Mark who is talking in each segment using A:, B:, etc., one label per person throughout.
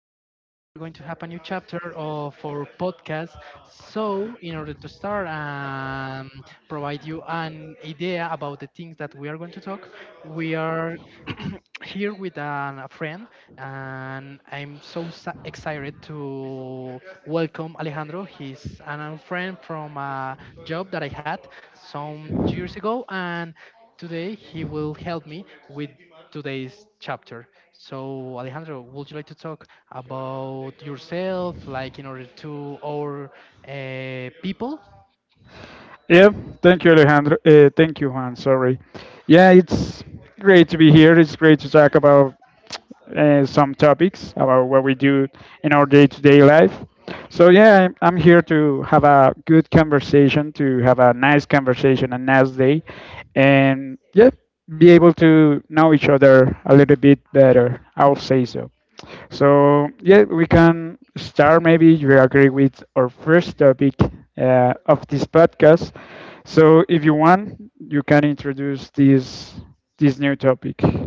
A: today we are going to have a new chapter of our podcast. So, in order to start and provide you an idea about the things that we are going to talk, we are here with a friend, and I'm so excited to welcome Alejandro. He's an old friend from a job that I had some years ago, and today he will help me with today's chapter. So, Alejandro, would you like to talk about yourself, like in order to our people?
B: Yep. Thank you, Alejandro. Thank you, Juan. Sorry. Yeah, it's great to be here. It's great to talk about some topics about what we do in our day-to-day life. So yeah, I'm here to have a good conversation, to have a nice conversation, a nice day, and yeah, be able to know each other a little bit better, I'll say so. So yeah, we can start. Maybe you agree with our first topic of this podcast. So if you want, you can introduce this new topic. Uh,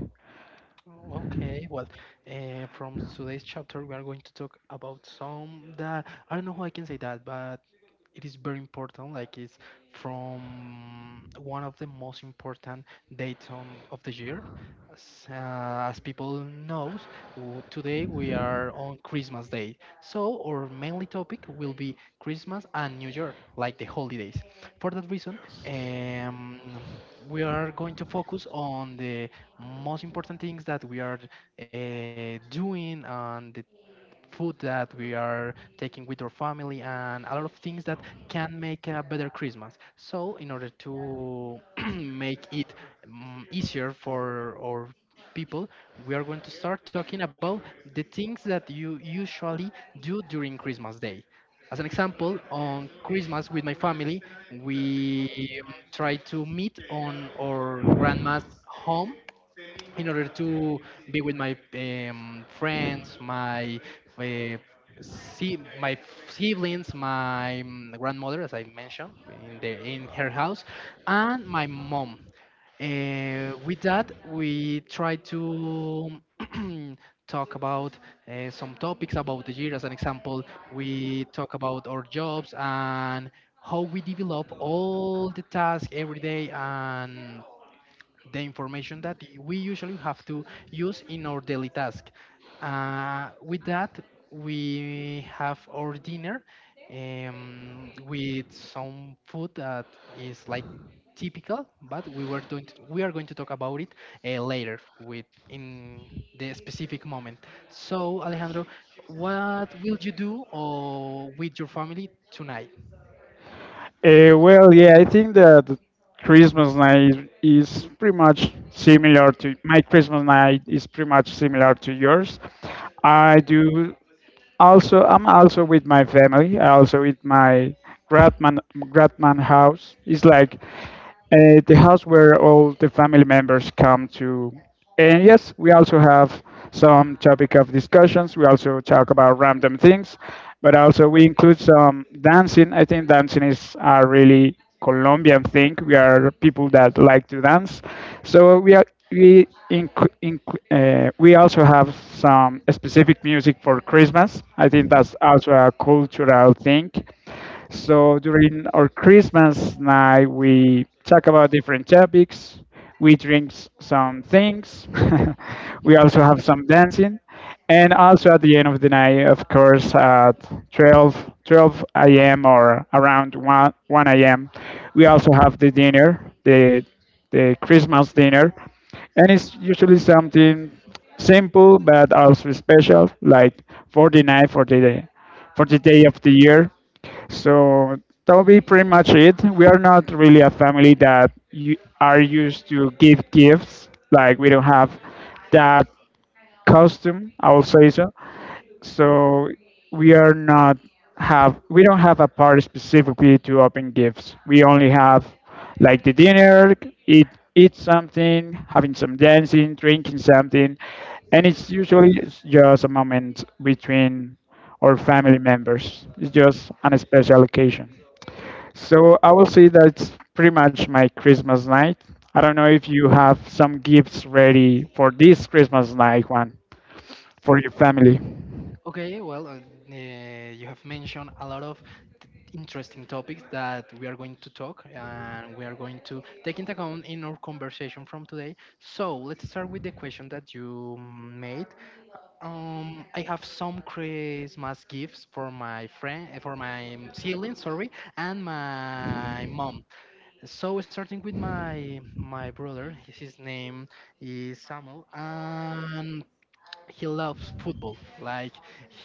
A: Okay. From today's chapter, we are going to talk about some that I don't know how I can say that, but it is very important. Like it's from one of the most important dates on of the year. As people knows, today we are on Christmas Day, so our mainly topic will be Christmas and New Year, like the holidays. For that reason, um, we are going to focus on the most important things that we are doing and the food that we are taking with our family and a lot of things that can make a better Christmas. So in order to make it, easier for our people, we are going to start talking about the things that you usually do during Christmas Day. As an example, on Christmas with my family, we try to meet on our grandma's home in order to be with my friends, my uh, see my siblings, my grandmother, as I mentioned, in the in her house, and my mom. With that, we try to talk about some topics about the year. As an example, we talk about our jobs and how we develop all the tasks every day and the information that we usually have to use in our daily task. With that, we have our dinner with some food that is like typical, but we are going to talk about it later with in the specific moment. So, Alejandro, what will you do or with your family tonight?
B: well, yeah, I think that the Christmas night is pretty much similar to my Christmas night is pretty much similar to yours. I do. Also, I'm also with my family. I also with my grandman grandman house. It's like the house where all the family members come to. And yes, we also have some topic of discussions. We also talk about random things, but also we include some dancing. I think dancing is really Colombian thing. We are people that like to dance, so we are we inc- inc- we also have some specific music for Christmas. I think that's also a cultural thing. So during our Christmas night, we talk about different topics. We drink some things. We also have some dancing. And also at the end of the night, of course, at 12 12 a.m. or around 1 a.m., we also have the dinner, the Christmas dinner. And it's usually something simple but also special, like for the night, for the day of the year. So that will be pretty much it. We are not really a family that you are used to give gifts. Like we don't have that costume, I will say so. So we are not have, we don't have a part specifically to open gifts. We only have like the dinner, eat eat something, having some dancing, drinking something. And it's usually just a moment between our family members. It's just an special occasion. So I will say that's pretty much my Christmas night. I don't know if you have some gifts ready for this Christmas night one for your family.
A: Okay, you have mentioned a lot of t- interesting topics that we are going to talk and we are going to take into account in our conversation from today. So let's start with the question that you made. I have some Christmas gifts for my friend, eh, for my siblings, sorry, and my mom. So starting with my brother, his name is Samuel, and he loves football. Like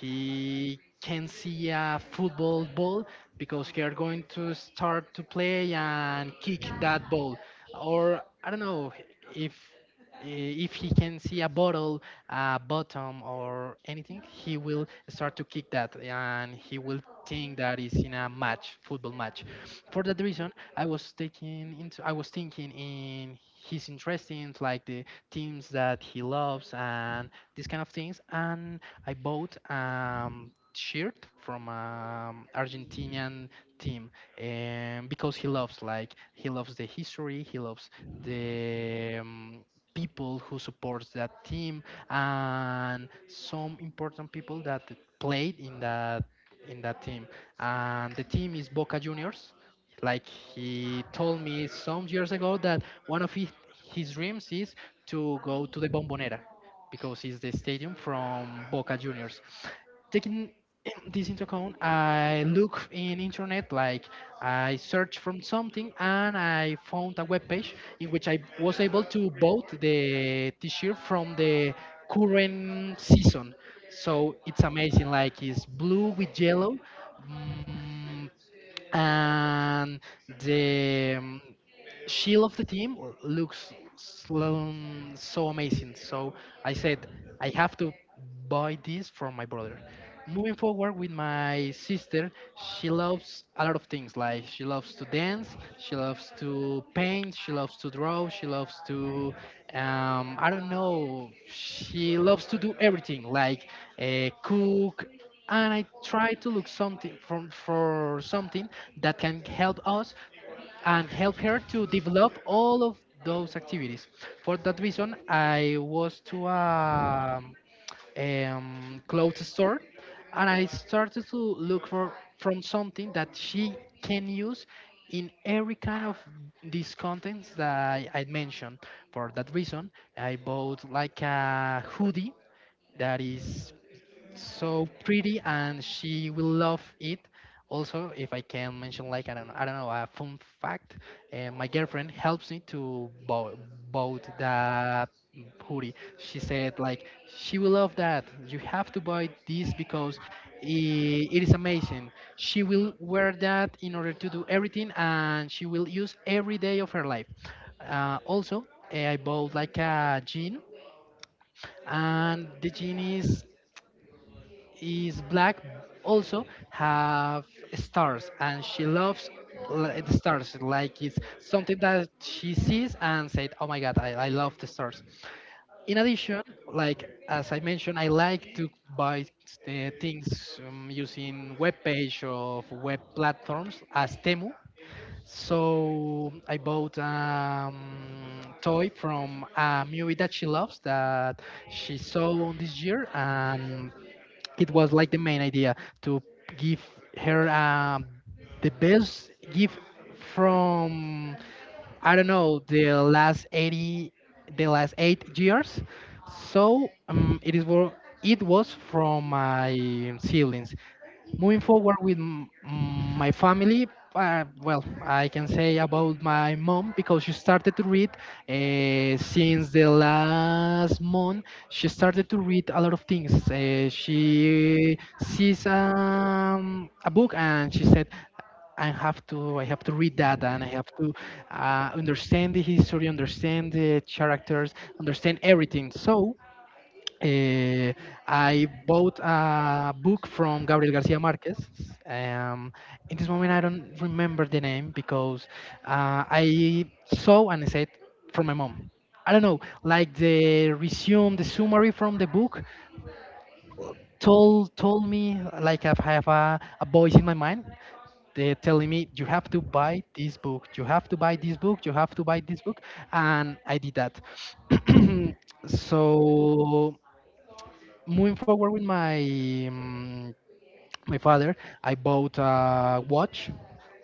A: he can see a football ball because they are going to start to play and kick that ball, or I don't know if if he can see a bottle, a bottom, or anything, he will start to kick that, and he will think that is in a match, football match. For that reason, I was thinking in his interesting like the teams that he loves and these kind of things. And I bought shirt from Argentinian team, because he loves like he loves the history, he loves the people who supports that team, and some important people that played in that team. And the team is Boca Juniors. Like he told me some years ago that one of his dreams is to go to the Bombonera because it's the stadium from Boca Juniors. Taking this into account, I look in internet, like I search from something, and I found a webpage in which I was able to vote the T-shirt from the current season. So it's amazing, like it's blue with yellow. mm, and the she of the team looks so amazing. So I said I have to buy this from my brother. Moving forward with my sister, she loves a lot of things. Like she loves to dance, she loves to paint, she loves to draw, she loves to, I don't know, she loves to do everything. Like cook, and I try to look something from for something that can help us and help her to develop all of those activities. For that reason, I was to a clothes store and I started to look for from something that she can use in every kind of these contents that I mentioned. For that reason, I bought like a hoodie that is so pretty and she will love it. Also, if I can mention like I don't know a fun fact, my girlfriend helps me to bought that hoodie. She said like she will love that. You have to buy this because it is amazing. She will wear that in order to do everything, and she will use every day of her life. Also, eh, I bought like a jean, and the jean is black, also have stars and she loves the stars like it's something that she sees and said, oh my God, I love the stars. In addition, like as I mentioned, I like to buy the things, using web page of web platforms as Temu. So I bought toy from a movie that she loves that she saw on this year, and it was like the main idea to give her the best gift from, I don't know, the last 8 years. So it is it was from my siblings. Moving forward with my family, well, I can say about my mom because she started to read since the last month. She started to read a lot of things. She sees a book and she said, I have to read that and I have to understand the history, understand the characters, understand everything. So uh, I bought a book from Gabriel Garcia Marquez. Um, in this moment, I don't remember the name because I saw an essay from my mom. I don't know, like the resume, the summary from the book told me like I have a voice in my mind. They're telling me, you have to buy this book, you have to buy this book, you have to buy this book, and I did that. So moving forward with my my father, I bought a watch.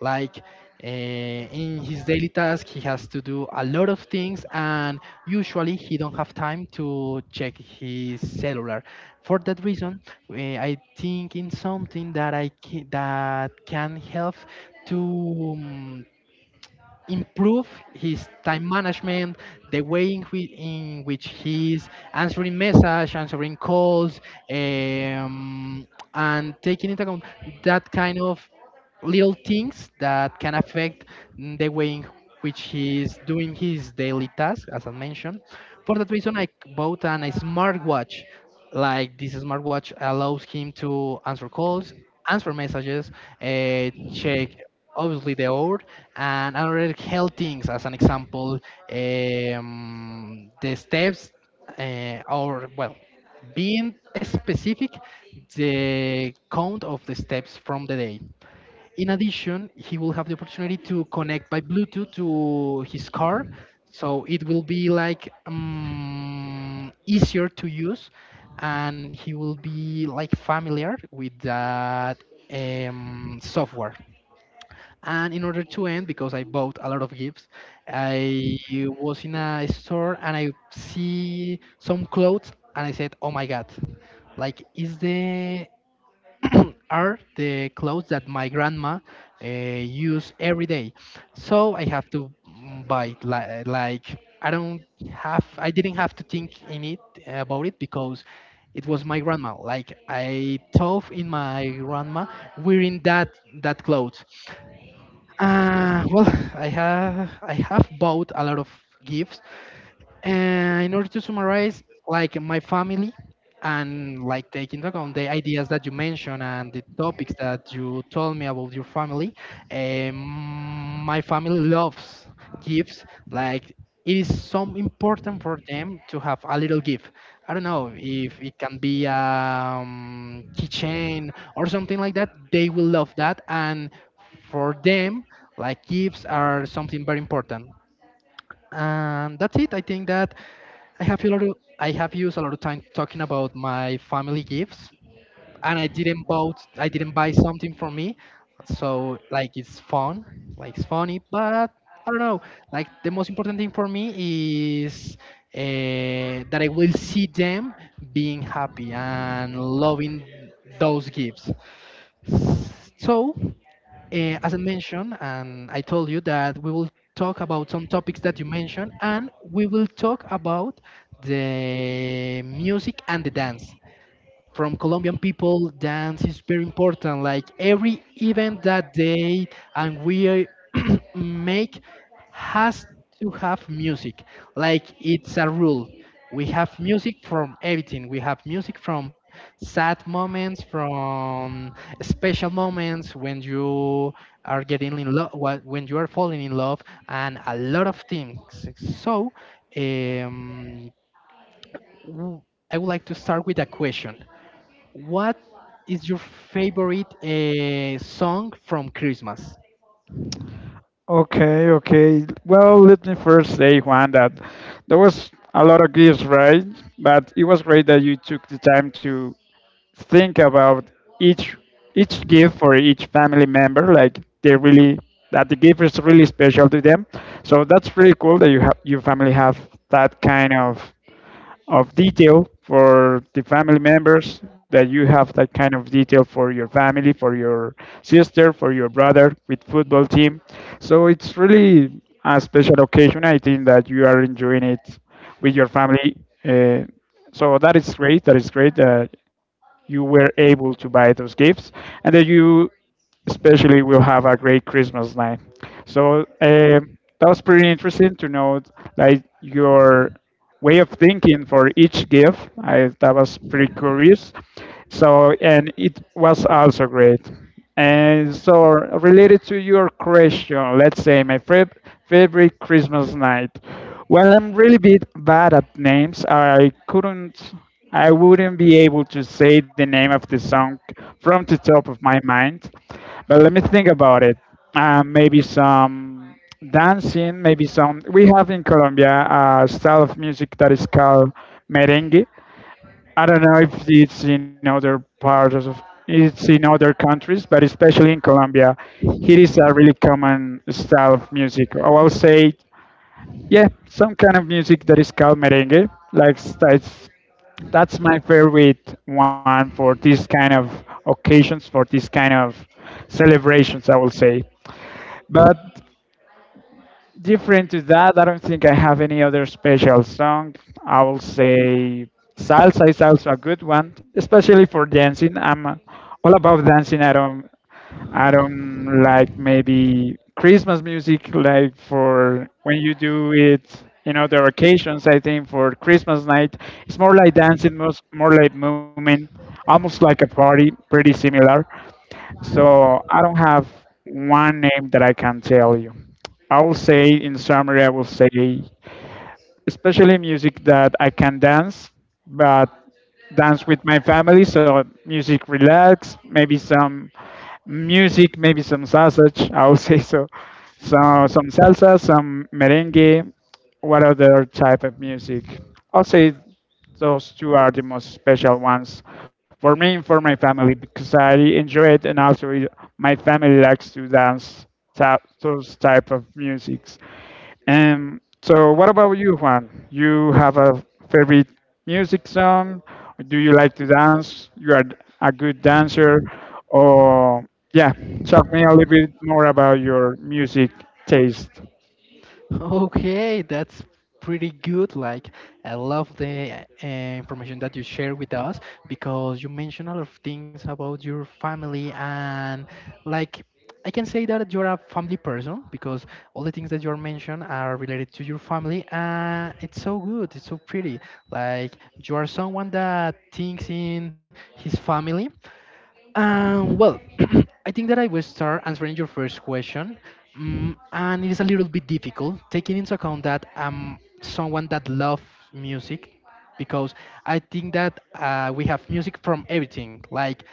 A: Like in his daily task, he has to do a lot of things, and usually he don't have time to check his cellular. For that reason, I think in something that that can help to improve his time management, the way in which he's answering message, answering calls, um, and taking into account that kind of little things that can affect the way in which he's doing his daily task, as I mentioned. For that reason, I bought a smartwatch. Like this smartwatch allows him to answer calls, answer messages, check obviously the hour, and other health things. As an example, the steps, or well, being specific, the count of the steps from the day. In addition, he will have the opportunity to connect by Bluetooth to his car, so it will be like easier to use, and he will be like familiar with that software. And in order to end, because I bought a lot of gifts, I was in a store and I see some clothes, and I said, "Oh my God!" Like, is the are the clothes that my grandma use every day. So I have to, buy, like I didn't have to think in it about it because it was my grandma. Like I thought in my grandma wearing that clothes. Well, I have bought a lot of gifts, and in order to summarize, like my family, and like take into account the ideas that you mentioned and the topics that you told me about your family, um, my family loves gifts. Like it is so important for them to have a little gift. I don't know if it can be a keychain or something like that. They will love that, and for them, like gifts are something very important. And that's it. I think that I have a lot of, I have used a lot of time talking about my family gifts, and I didn't buy something for me, so like it's fun, like it's funny, but I don't know. Like the most important thing for me is that I will see them being happy and loving those gifts. So, as I mentioned, and I told you that we will talk about some topics that you mentioned, and we will talk about the music and the dance from Colombian people. Dance is very important. Like every event that they and we make has to have music. Like it's a rule. We have music from everything. We have music from sad moments, from special moments when you are getting in love, when you are falling in love, and a lot of things. So, um, w- I would like to start with a question. What is your favorite song from Christmas?
B: Okay, okay. Well, let me first say, Juan, that there was a lot of gifts, right? But it was great that you took the time to think about each each gift for each family member. Like they really, that the gift is really special to them. So that's really cool that you have your family have that kind of detail for the family members that you have that kind of detail for your family, for your sister, for your brother with football team. So it's really a special occasion. I think that you are enjoying it with your family. Uh, so that is great, that is great. You were able to buy those gifts and that you especially will have a great Christmas night. So that was pretty interesting to know like your way of thinking for each gift. I, that was pretty curious. So, and it was also great. And so related to your question, let's say my favorite Christmas night. Well, I'm really bit bad at names. I couldn't. I wouldn't be able to say the name of the song from the top of my mind, but let me think about it. Maybe some dancing, maybe some. We have in Colombia a style of music that is called merengue. I don't know if it's in other parts of, it's in other countries, but especially in Colombia, it is a really common style of music. I will say, yeah, some kind of music that is called merengue, like that's my favorite one for these kind of occasions, for these kind of celebrations, I will say. But different to that, I don't think I have any other special song. I will say salsa is also a good one, especially for dancing. I'm all about dancing. I don't like maybe Christmas music, like for when you do it in other occasions. I think for Christmas night, it's more like dancing, most more like movement, almost like a party, pretty similar. So I don't have one name that I can tell you. I will say, in summary, I will say especially music that I can dance, but dance with my family. So music relax, maybe some music, maybe some sausage. I would say so. So some salsa, some merengue. What other type of music? I'll say those two are the most special ones for me and for my family because I enjoy it and also my family likes to dance those type of musics. So what about you, Juan? You have a favorite music song? Do you like to dance? You are a good dancer, or yeah, talk me a little bit more about your music taste.
A: Okay, that's pretty good. Like, I love the information that you share with us, because you mentioned a lot of things about your family, and like I can say that you're a family person because all the things that you're mentioned are related to your family, and it's so good, it's so pretty. Like you are someone that thinks in his family. Well, I think that I will start answering your first question. And it is a little bit difficult taking into account that I'm someone that loves music, because I think that we have music from everything. Like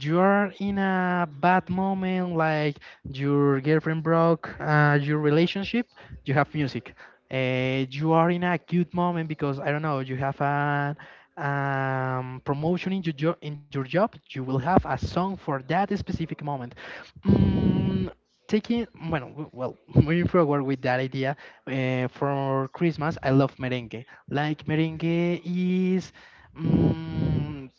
A: you are in a bad moment, like your girlfriend broke your relationship, you have music. You are in a good moment because, I don't know, you have a promotion in your, in your job, you will have a song for that specific moment. Mm, Taking, bueno, well, moving forward with that idea, for Christmas, I love merengue. Like, merengue is. mm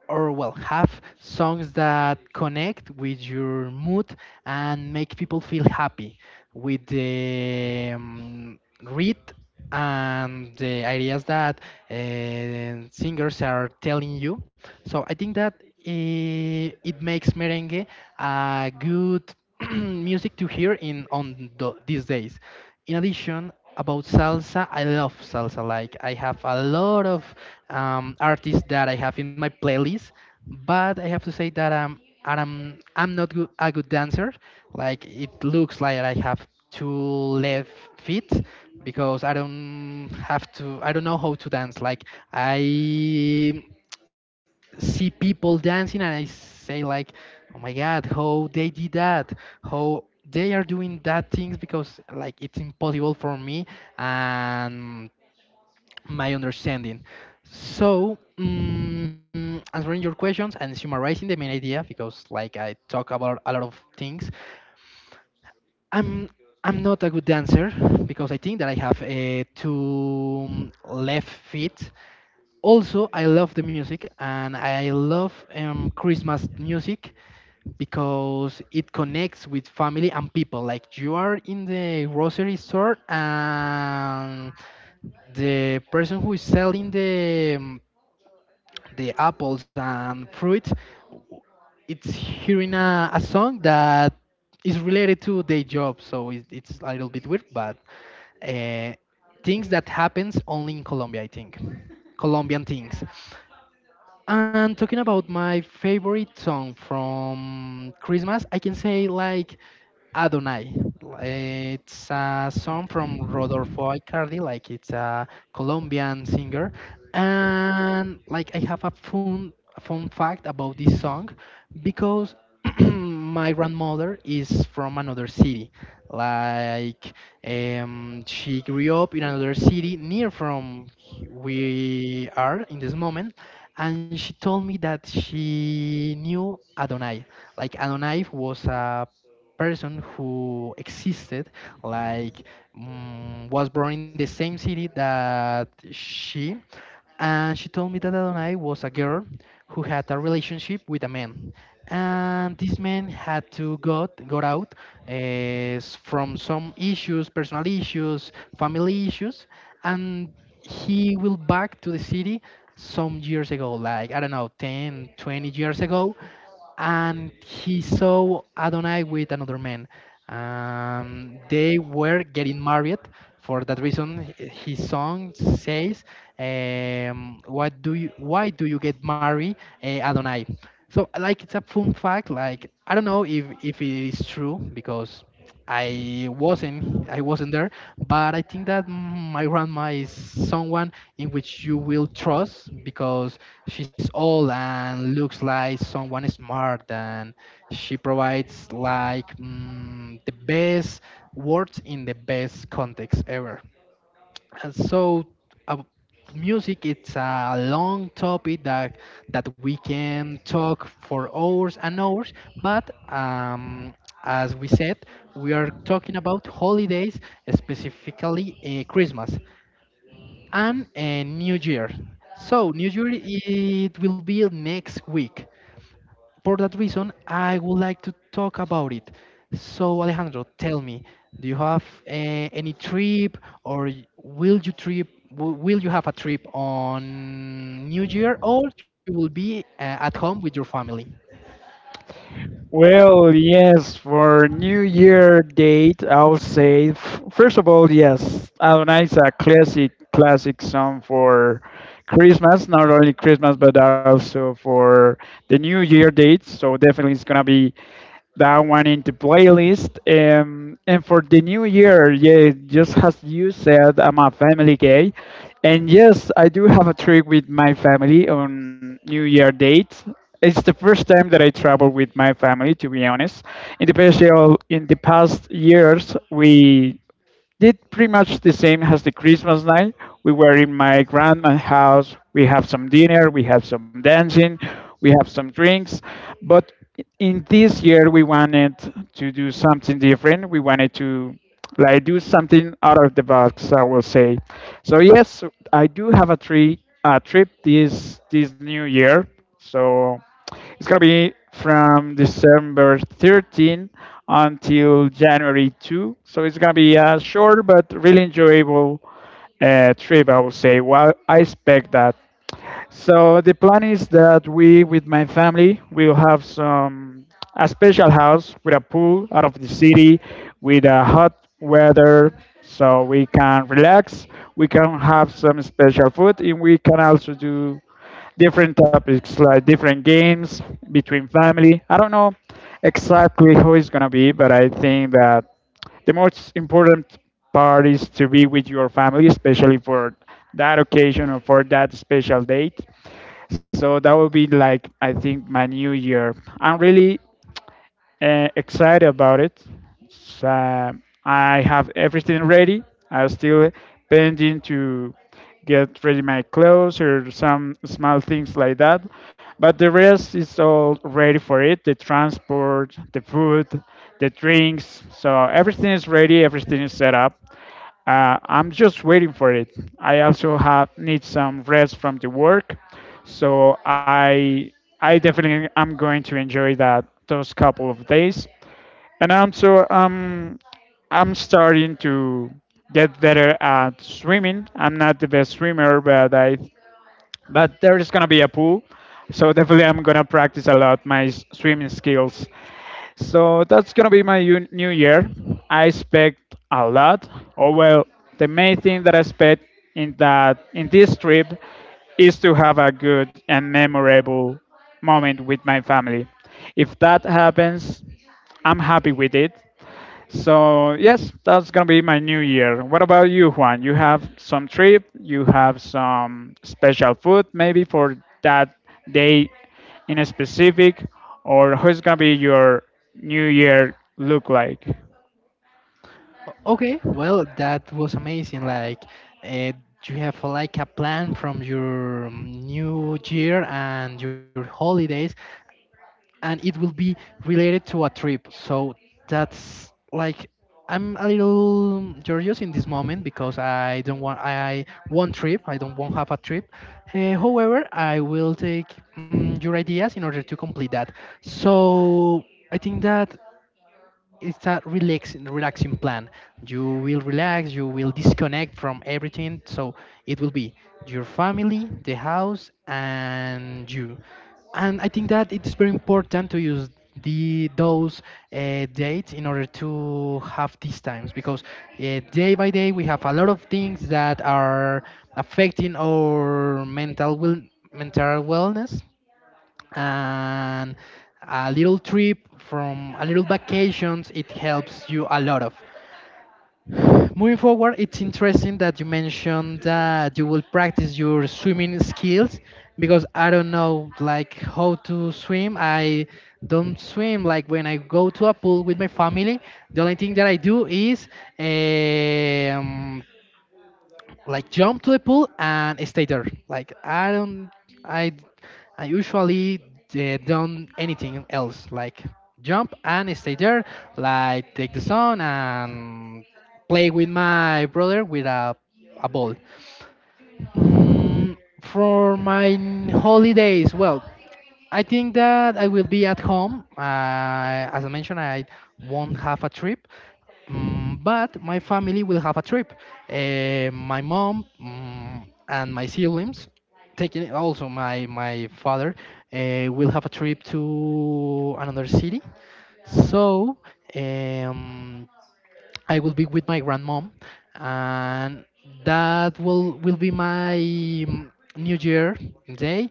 A: or well, have songs that connect with your mood and make people feel happy with the read and the ideas that singers are telling you. So I think that it makes merengue a good music to hear in on these days. In addition, about salsa, I love salsa. Like I have a lot of artists that I have in my playlist, but I have to say that and I'm not good, a good dancer. Like it looks like I have two left feet because I don't have to. I don't know how to dance. Like I see people dancing and I say like, oh my God, how they did that, how they are doing that things, because like it's impossible for me and my understanding. So, answering your questions and summarizing the main idea, because like I talk about a lot of things, I'm I'm not a good dancer because I think that I have two left feet. Also, I love the music and I love Christmas music because it connects with family and people. Like you are in the grocery store and the person who is selling the apples and fruits, it's hearing a song that is related to their job. So it's a little bit weird, but uh, things that happens only in Colombia, I think. Colombian things. And talking about my favorite song from Christmas, I can say like Adonai. It's a song from Rodolfo Icardi, like it's a Colombian singer. And like I have a fun fact about this song because my grandmother is from another city. Like she grew up in another city near from we are in this moment, and she told me that she knew Adonai. Like Adonai was a person who existed, like was born in the same city that she, and she told me that Adonai was a girl who had a relationship with a man, and this man had to got out uh, from some issues, personal issues, family issues, and he will back to the city some years ago, like I don't know, 10, 20 years ago, and he saw Adonai with another man. They were getting married. For that reason, his song says, "What do you? Why do you get married, eh, Adonai?" So, like, it's a fun fact. Like, I don't know if it is true because I wasn't there, but I think that my grandma is someone in which you will trust because she's old and looks like someone smart and she provides like the best words in the best context ever. And so, uh, music, it's a long topic that we can talk for hours and hours. But as we said, we are talking about holidays, specifically Christmas and New Year. So New Year it will be next week. For that reason, I would like to talk about it. So, Alejandro, tell me, do you have any trip or will you have a trip on New Year, or you will be at home with your family?
B: Well, yes, for New Year date, I'll say, first of all, yes, Adonai is a classic, classic song for Christmas, not only Christmas, but also for the New Year date. So definitely it's going to be that one in the playlist. And for the new year, yeah, just as you said, I'm a family guy, and yes, I do have a trip with my family on New Year date. It's the first time that I travel with my family, to be honest. In the past years, we did pretty much the same as the Christmas night. We were in my grandma's house. We have some dinner, we have some dancing, we have some drinks. But in this year, we wanted to do something different. We wanted to like do something out of the box, I will say. So yes, I do have a tree a trip this new year. So it's gonna be from December 13th until January 2nd. So it's gonna be a short but really enjoyable trip, I will say. Well, I expect that. So the plan is that we, with my family, will have some a special house with a pool out of the city, with a hot weather, so we can relax. We can have some special food, and we can also do different topics like different games between family. I don't know exactly how it's gonna be, but I think that the most important part is to be with your family, especially for that occasion or for that special date. So that would be like I think my new year. I'm really excited about it. So, I have everything ready. I'm still pending to get ready my clothes or some small things like that. But the rest is all ready for it. The transport, the food, the drinks. So everything is ready. Everything is set up. I'm just waiting for it. I also have need some rest from the work, so I definitely am going to enjoy that those couple of days. And also, I'm starting to get better at swimming. I'm not the best swimmer, but I, but there is gonna be a pool, so definitely I'm gonna practice a lot my swimming skills. So that's gonna be my new year. I expect a lot. Oh well, the main thing that I expect in that in this trip is to have a good and memorable moment with my family. If that happens, I'm happy with it. So yes, that's gonna be my new year. What about you, Juan? You have some trip? You have some special food maybe for that day in a specific, or who's gonna be your new year look like?
A: O- Okay, well, that was amazing. Like, uh, you have like a plan from your New Year and your holidays, and it will be related to a trip. So that's like I'm a little curious in this moment because I want trip. I don't want have a trip. However, I will take your ideas in order to complete that. So I think that it's a relaxing plan. You will relax, you will disconnect from everything, so it will be your family, the house, and you. And I think that it's very important to use the those dates in order to have these times, because day by day we have a lot of things that are affecting our mental wellness. And a little trip from a little vacations, it helps you a lot of moving forward. It's interesting that you mentioned that you will practice your swimming skills because I don't know like how to swim. I don't swim. Like when I go to a pool with my family, the only thing that I do is um, like jump to the pool and stay there. I, I usually don't anything else. Like jump and stay there. Like take the sun and play with my brother with a ball. Mm, for my holidays, well, I think that I will be at home. As I mentioned, I won't have a trip, but my family will have a trip. Eh, my mom, and my siblings, taking also my father, will have a trip to another city. So um, I will be with my grandmom, and that will be my New Year day.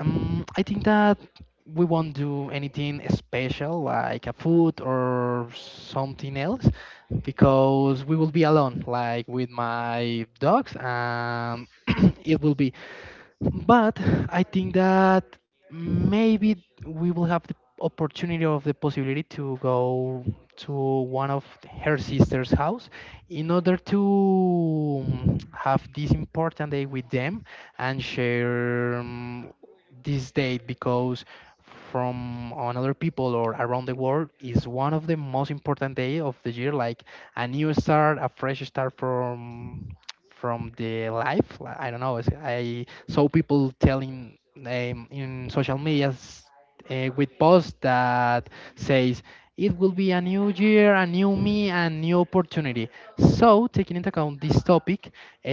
A: I think that we won't do anything special like a food or something else because we will be alone, like with my dogs, and it will be. But I think that maybe we will have the opportunity of the possibility to go to one of her sister's house in order to have this important day with them and share. This date, because from on other people or around the world, is one of the most important day of the year, like a new start, a fresh start from the life. I don't know, it's- I saw people telling in social medias with posts that says it will be a new year, a new me, and new opportunity. So, taking into account this topic, uh,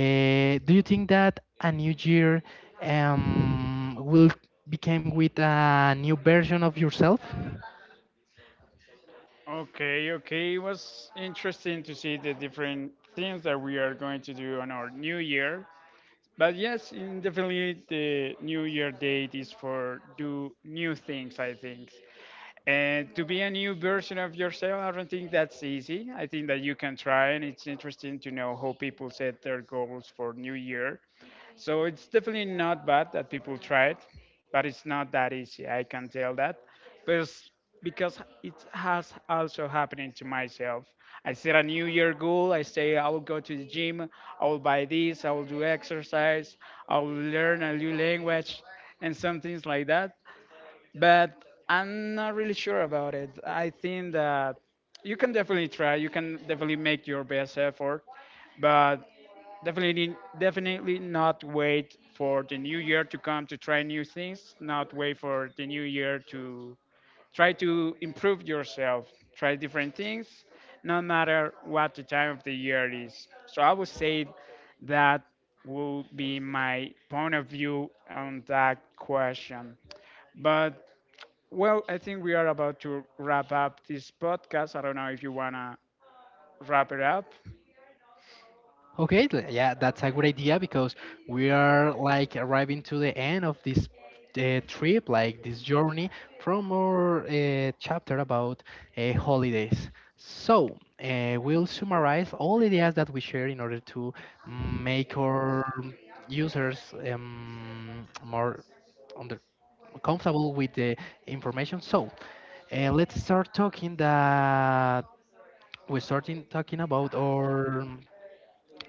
A: do you think that a new year will become with a new version of yourself?
B: Okay, okay. It was interesting to see the different things that we are going to do on our new year. But yes, in definitely the new year date is for do new things, I think. And to be a new version of yourself, I don't think that's easy. I think that you can try, and it's interesting to know how people set their goals for New Year. So it's definitely not bad that people try it, but it's not that easy. I can tell that, because because it has also happening to myself. I set a New Year goal. I say I will go to the gym. I will buy this. I will do exercise. I will learn a new language, and some things like that, but I'm not really sure about it. I think that you can definitely try. You can definitely make your best effort, but definitely, definitely not wait for the new year to come to try new things. Not wait for the new year to try to improve yourself. Try different things, no matter what the time of the year is. So I would say that will be my point of view on that question. But well, I think we are about to wrap up this podcast. I don't know if you want to wrap it up.
A: Okay, yeah, that's a good idea because we are like arriving to the end of this trip, like this journey from our chapter about holidays. So, we'll summarize all the ideas that we share in order to make our users more under comfortable with the information. So, let's start talking that we're starting talking about our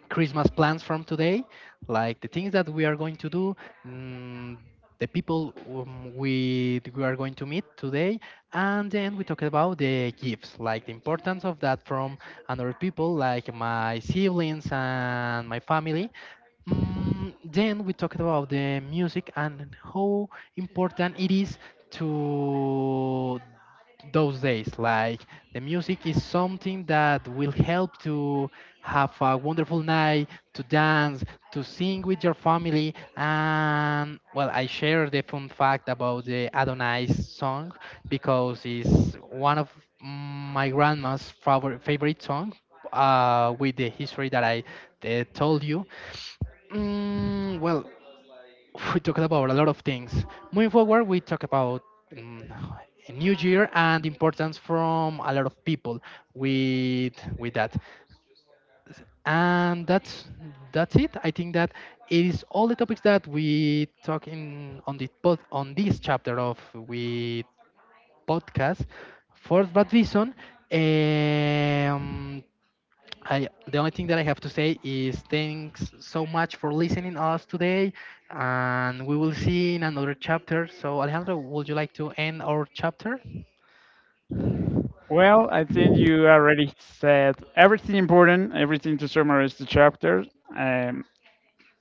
A: Christmas plans from today, like the things that we are going to do, mm, the people we are going to meet today, and then we talk about the gifts, like the importance of that from other people, like my siblings and my family. Then we talked about the music and how important it is to those days. Like the music is something that will help to have a wonderful night, to dance, to sing with your family. And well, I share the fun fact about the Adonais song because it's one of my grandma's favorite song. With the history that I told you. Well, we talked about a lot of things. Moving forward, we talk about um, a new year and importance from a lot of people with that. And that's it. I think that it is all the topics that we talk in on the pod, on this chapter of we podcast. For that reason, um, I the only thing that I have to say is thanks so much for listening us today, and we will see in another chapter. So Alejandro, would you like to end our chapter?
B: Well, I think you already said everything important, everything to summarize the chapter. Um,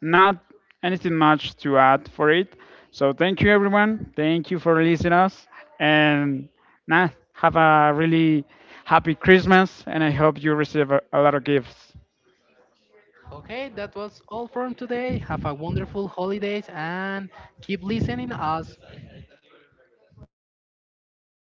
B: Not anything much to add for it. So thank you, everyone. Thank you for listening us. And now have a really happy Christmas. And I hope you receive a lot of gifts.
A: Okay, that was all from today. Have a wonderful holidays and keep listening us.